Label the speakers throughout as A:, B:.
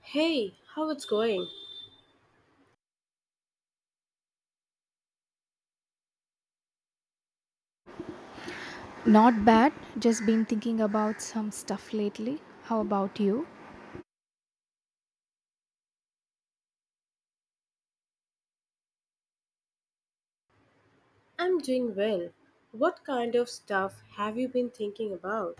A: Hey, how it's going?
B: Not bad, just been thinking about some stuff lately. How about you?
A: I'm doing well. What kind of stuff have you been thinking about?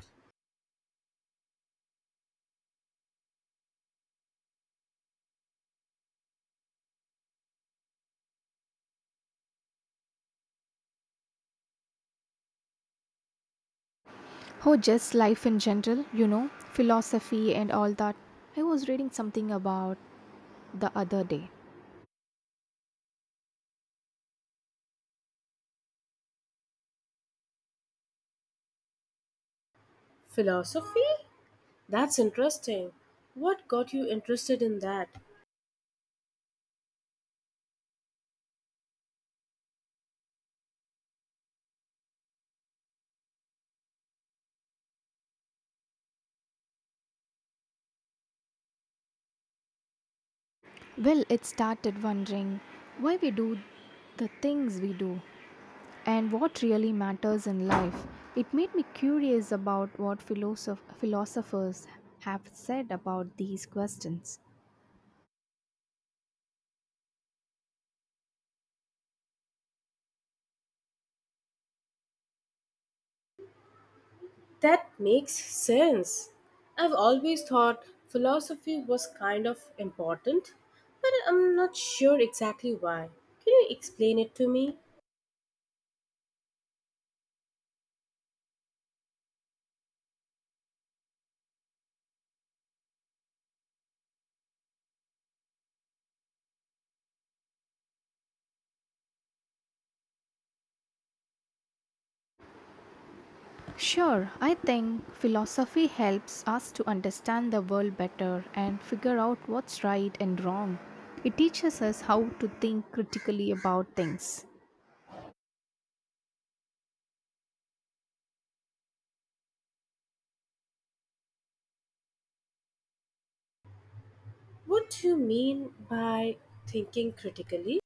B: Oh, just life in general, you know, philosophy and all that. I was reading something about the other day.
A: Philosophy? That's interesting. What got you interested in that?
B: Well, it started wondering why we do the things we do and what really matters in life. It made me curious about what philosophers have said about these questions.
A: That makes sense. I've always thought philosophy was kind of important, but I'm not sure exactly why. Can you explain it to me?
B: Sure, I think philosophy helps us to understand the world better and figure out what's right and wrong. It teaches us how to think critically about things.
A: What do you mean by thinking critically?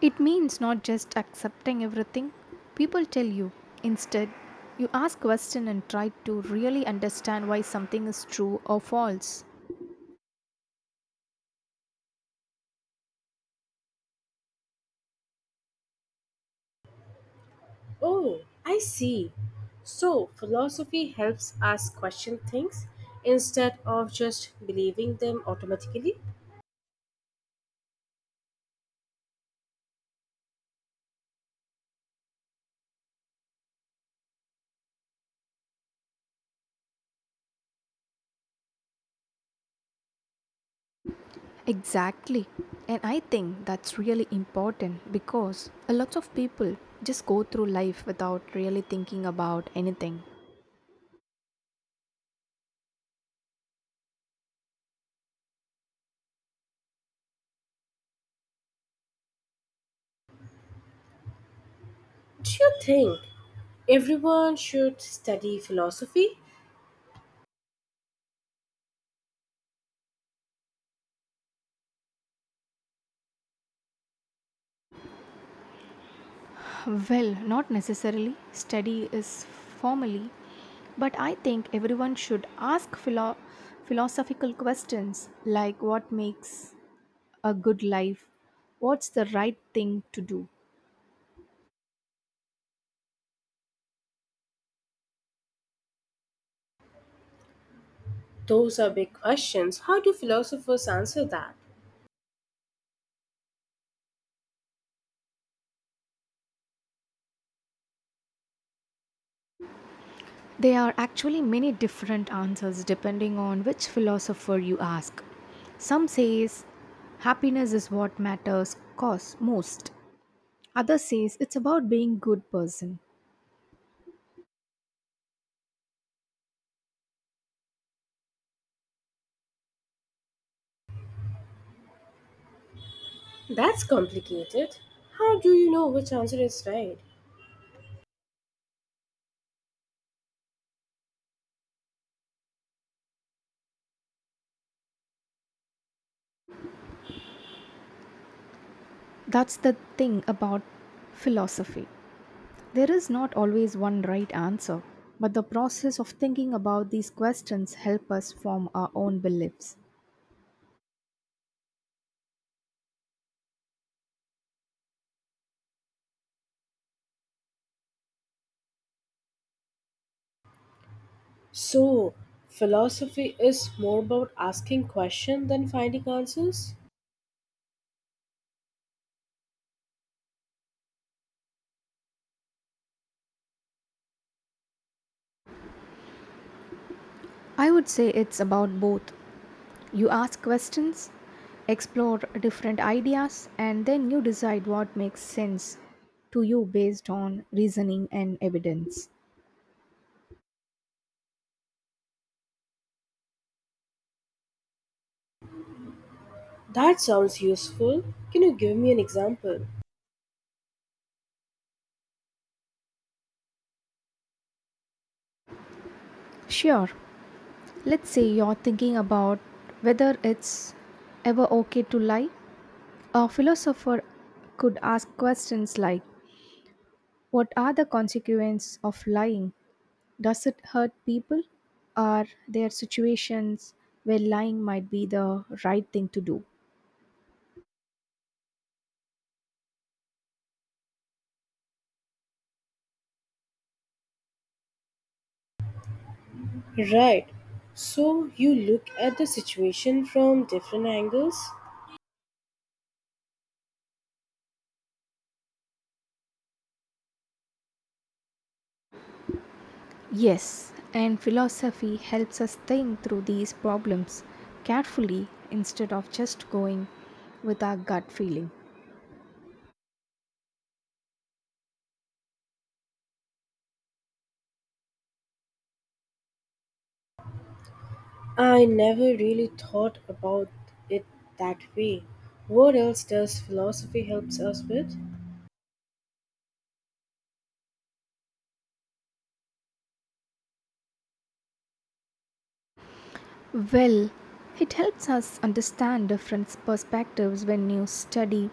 B: It means not just accepting everything people tell you. Instead, you ask questions and try to really understand why something is true or false.
A: Oh, I see. So, philosophy helps us question things instead of just believing them automatically.
B: Exactly. And I think that's really important because a lot of people just go through life without really thinking about anything.
A: Do you think everyone should study philosophy?
B: Well, not necessarily. Study is formally, but I think everyone should ask philosophical questions like what makes a good life? What's the right thing to do?
A: Those are big questions. How do philosophers answer that?
B: There are actually many different answers depending on which philosopher you ask. Some says happiness is what matters cause most. Others says it's about being good person.
A: That's complicated. How do you know which answer is right?
B: That's the thing about philosophy. There is not always one right answer, but the process of thinking about these questions help us form our own beliefs.
A: So, philosophy is more about asking questions than finding answers?
B: I would say it's about both. You ask questions, explore different ideas, and then you decide what makes sense to you based on reasoning and evidence.
A: That sounds useful. Can you give me an example?
B: Sure, let's say you're thinking about whether it's ever okay to lie. A philosopher could ask questions like what are the consequences of lying? Does it hurt people? Are there situations where lying might be the right thing to do?
A: Right. So you look at the situation from different angles?
B: Yes, and philosophy helps us think through these problems carefully instead of just going with our gut feeling.
A: I never really thought about it that way. What else does philosophy helps us with?
B: Well, it helps us understand different perspectives when you study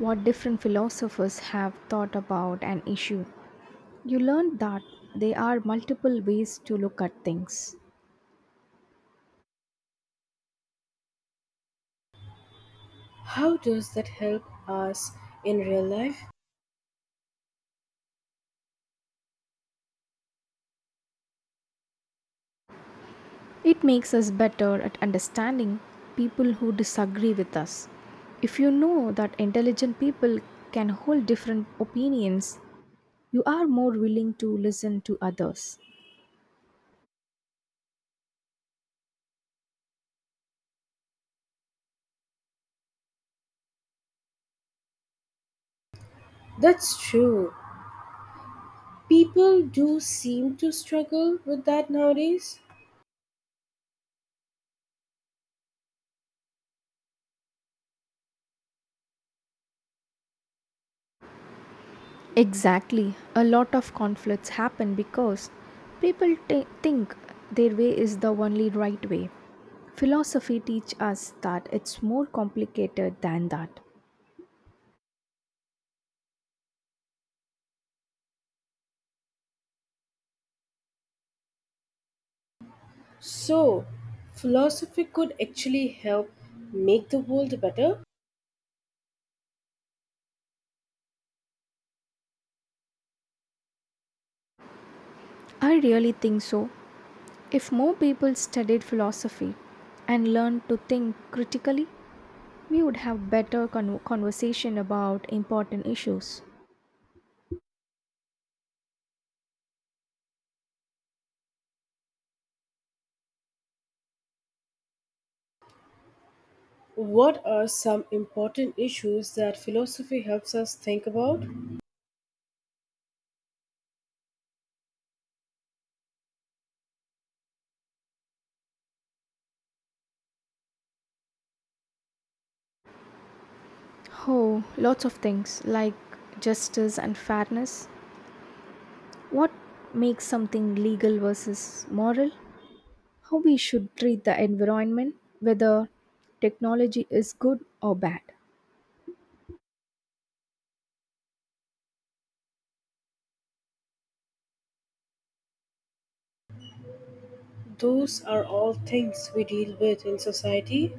B: what different philosophers have thought about an issue. You learn that there are multiple ways to look at things.
A: How does that help us in real life?
B: It makes us better at understanding people who disagree with us. If you know that intelligent people can hold different opinions, you are more willing to listen to others.
A: That's true. People do seem to struggle with that nowadays.
B: Exactly. A lot of conflicts happen because people think their way is the only right way. Philosophy teach us that it's more complicated than that.
A: So, philosophy could actually help make the world better?
B: I really think so. If more people studied philosophy and learned to think critically, we would have better conversation about important issues.
A: What are some important issues that philosophy helps us think about?
B: Oh, lots of things like justice and fairness. What makes something legal versus moral? How we should treat the environment, whether technology is good or bad.
A: Those are all things we deal with in society.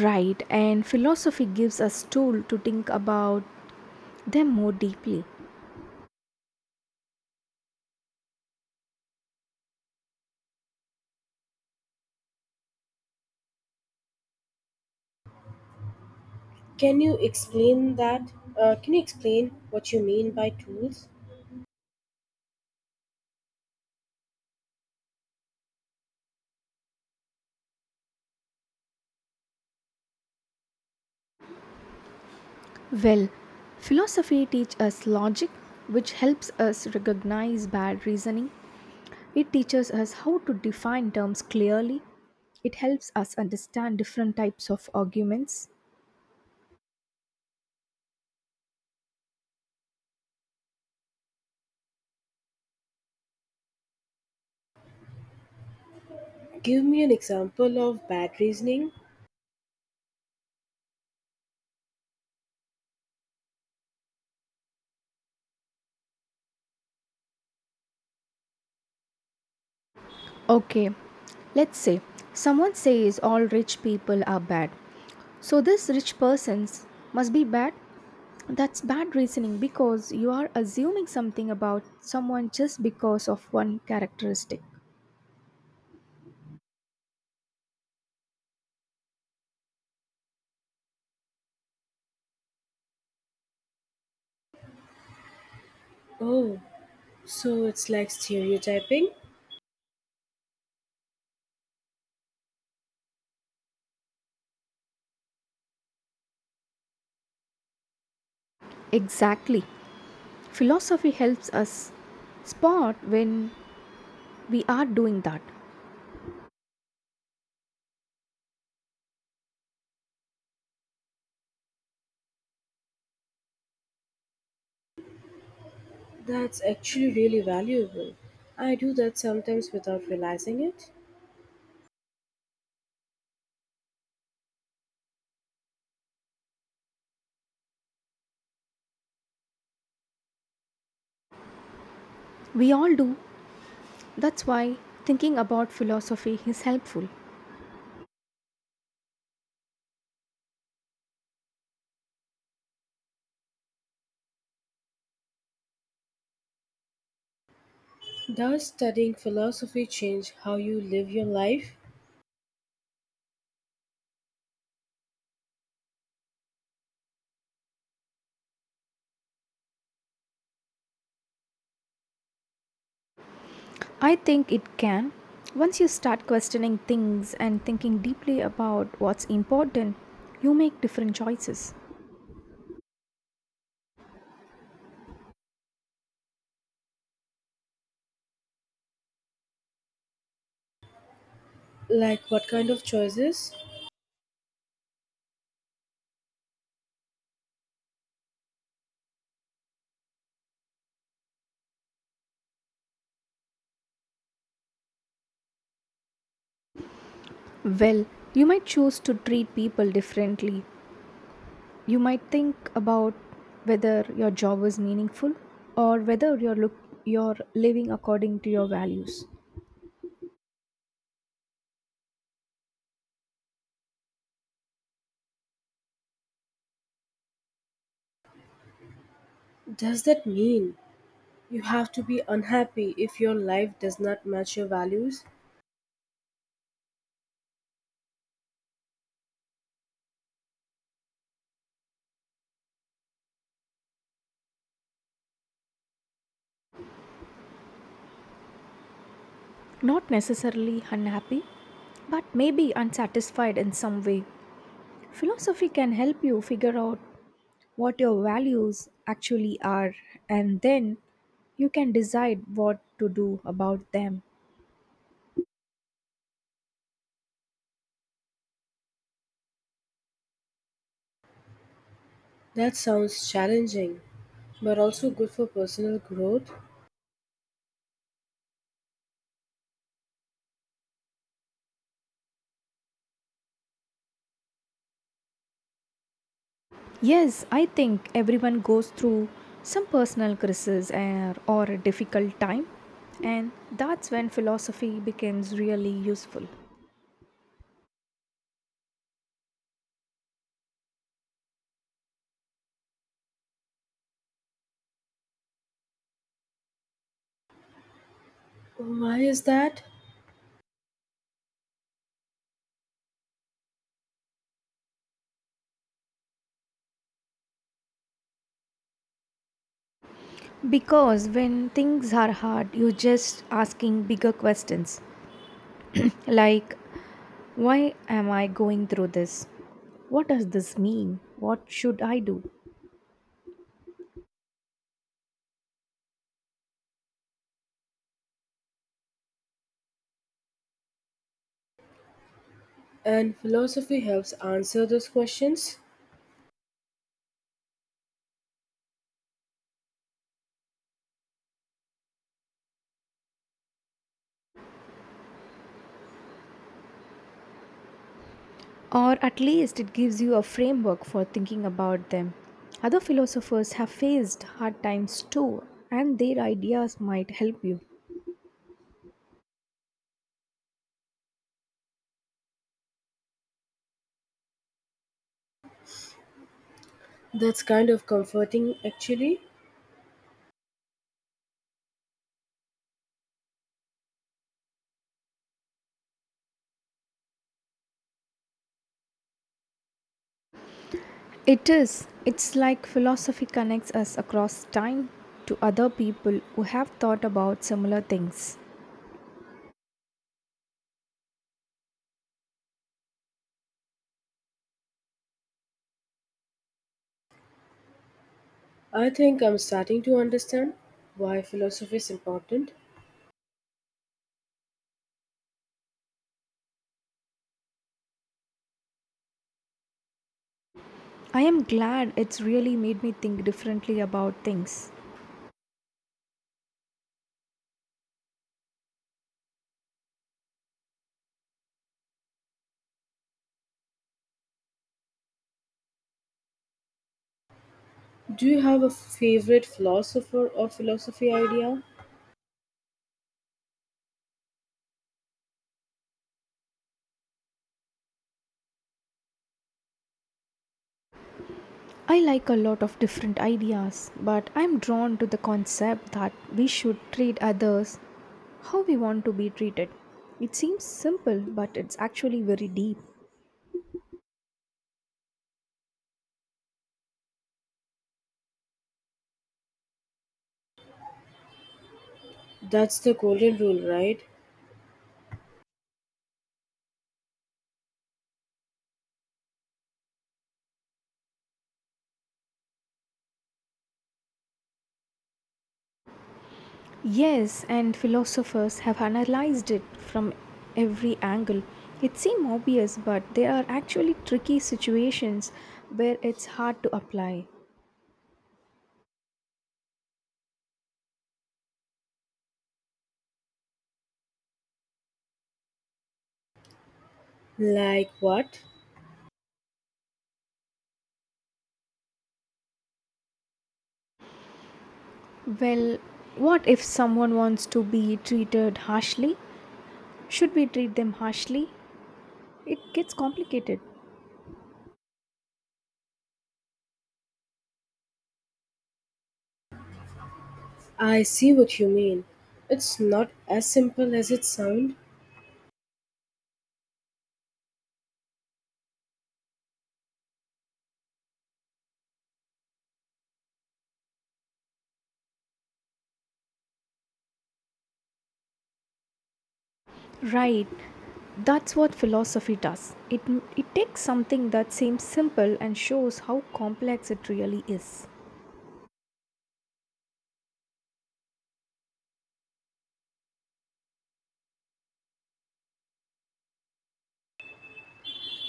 B: Right, and philosophy gives us tool to think about them more deeply.
A: Can you explain that? Can you explain what you mean by tools?
B: Well, philosophy teach us logic which helps us recognize bad reasoning. It teaches us how to define terms clearly. It helps us understand different types of arguments.
A: Give me an example of bad reasoning.
B: Okay, let's say someone says all rich people are bad. So this rich persons must be bad. That's bad reasoning because you are assuming something about someone just because of one characteristic.
A: Oh, so it's like stereotyping?
B: Exactly. Philosophy helps us spot when we are doing that.
A: That's actually really valuable. I do that sometimes without realizing it.
B: We all do. That's why thinking about philosophy is helpful.
A: Does studying philosophy change how you live your life?
B: I think it can. Once you start questioning things and thinking deeply about what's important, you make different choices.
A: Like what kind of choices?
B: Well, you might choose to treat people differently. You might think about whether your job is meaningful or whether you're living according to your values.
A: Does that mean you have to be unhappy if your life does not match your values?
B: Not necessarily unhappy, but maybe unsatisfied in some way. Philosophy can help you figure out what your values actually are, and then you can decide what to do about them.
A: That sounds challenging, but also good for personal growth.
B: Yes, I think everyone goes through some personal crisis and, or a difficult time, and that's when philosophy becomes really useful.
A: Why is that?
B: Because when things are hard, you're just asking bigger questions like, why am I going through this? What does this mean? What should I do?
A: And philosophy helps answer those questions.
B: Or at least it gives you a framework for thinking about them. Other philosophers have faced hard times too, and their ideas might help you.
A: That's kind of comforting, actually.
B: It's like philosophy connects us across time to other people who have thought about similar things.
A: I think I'm starting to understand why philosophy is important.
B: I am glad it's really made me think differently about things.
A: Do you have a favorite philosopher or philosophy idea?
B: I like a lot of different ideas, but I'm drawn to the concept that we should treat others how we want to be treated. It seems simple, but it's actually very deep.
A: That's the golden rule, right?
B: Yes, and philosophers have analyzed it from every angle. It seems obvious, but there are actually tricky situations where it's hard to apply.
A: Like what?
B: Well, what if someone wants to be treated harshly? Should we treat them harshly? It gets complicated.
A: I see what you mean. It's not as simple as it sounds.
B: Right. That's what philosophy does. It takes something that seems simple and shows how complex it really is.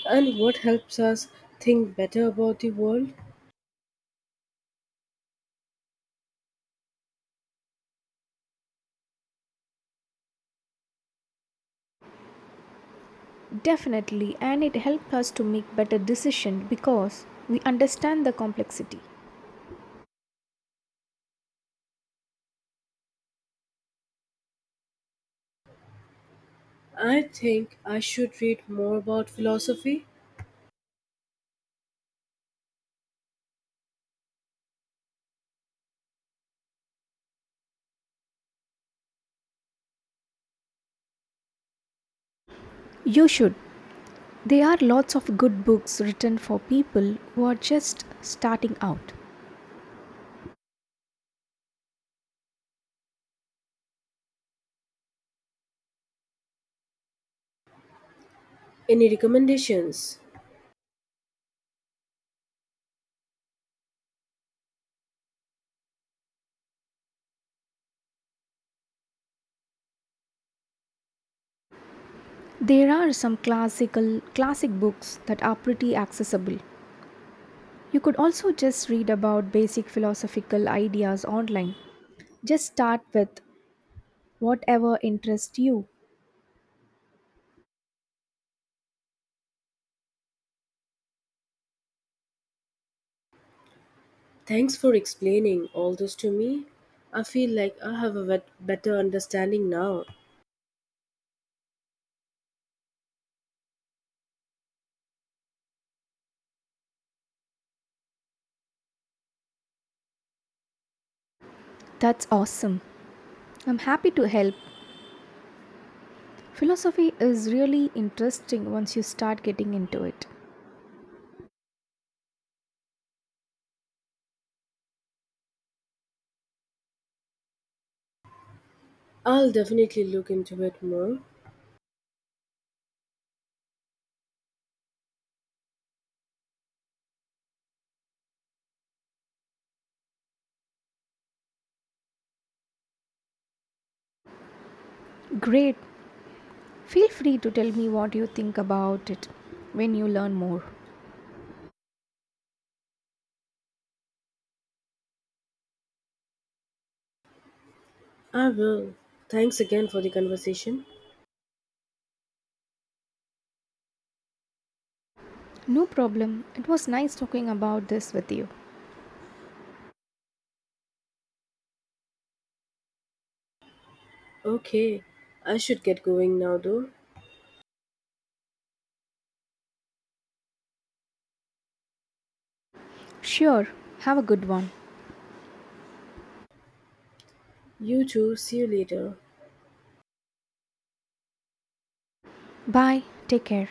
A: And what helps us think better about the world?
B: Definitely, and it helps us to make better decisions because we understand the complexity.
A: I think I should read more about philosophy.
B: You should. There are lots of good books written for people who are just starting out.
A: Any recommendations?
B: There are some classic books that are pretty accessible. You could also just read about basic philosophical ideas online. Just start with whatever interests you.
A: Thanks for explaining all this to me. I feel like I have a better understanding now.
B: That's awesome. I'm happy to help. Philosophy is really interesting once you start getting into it.
A: I'll definitely look into it more.
B: Great. Feel free to tell me what you think about it when you learn more.
A: I will. Thanks again for the conversation.
B: No problem. It was nice talking about this with you.
A: Okay, I should get going now though.
B: Sure. Have a good one.
A: You too, see you later.
B: Bye. Take care.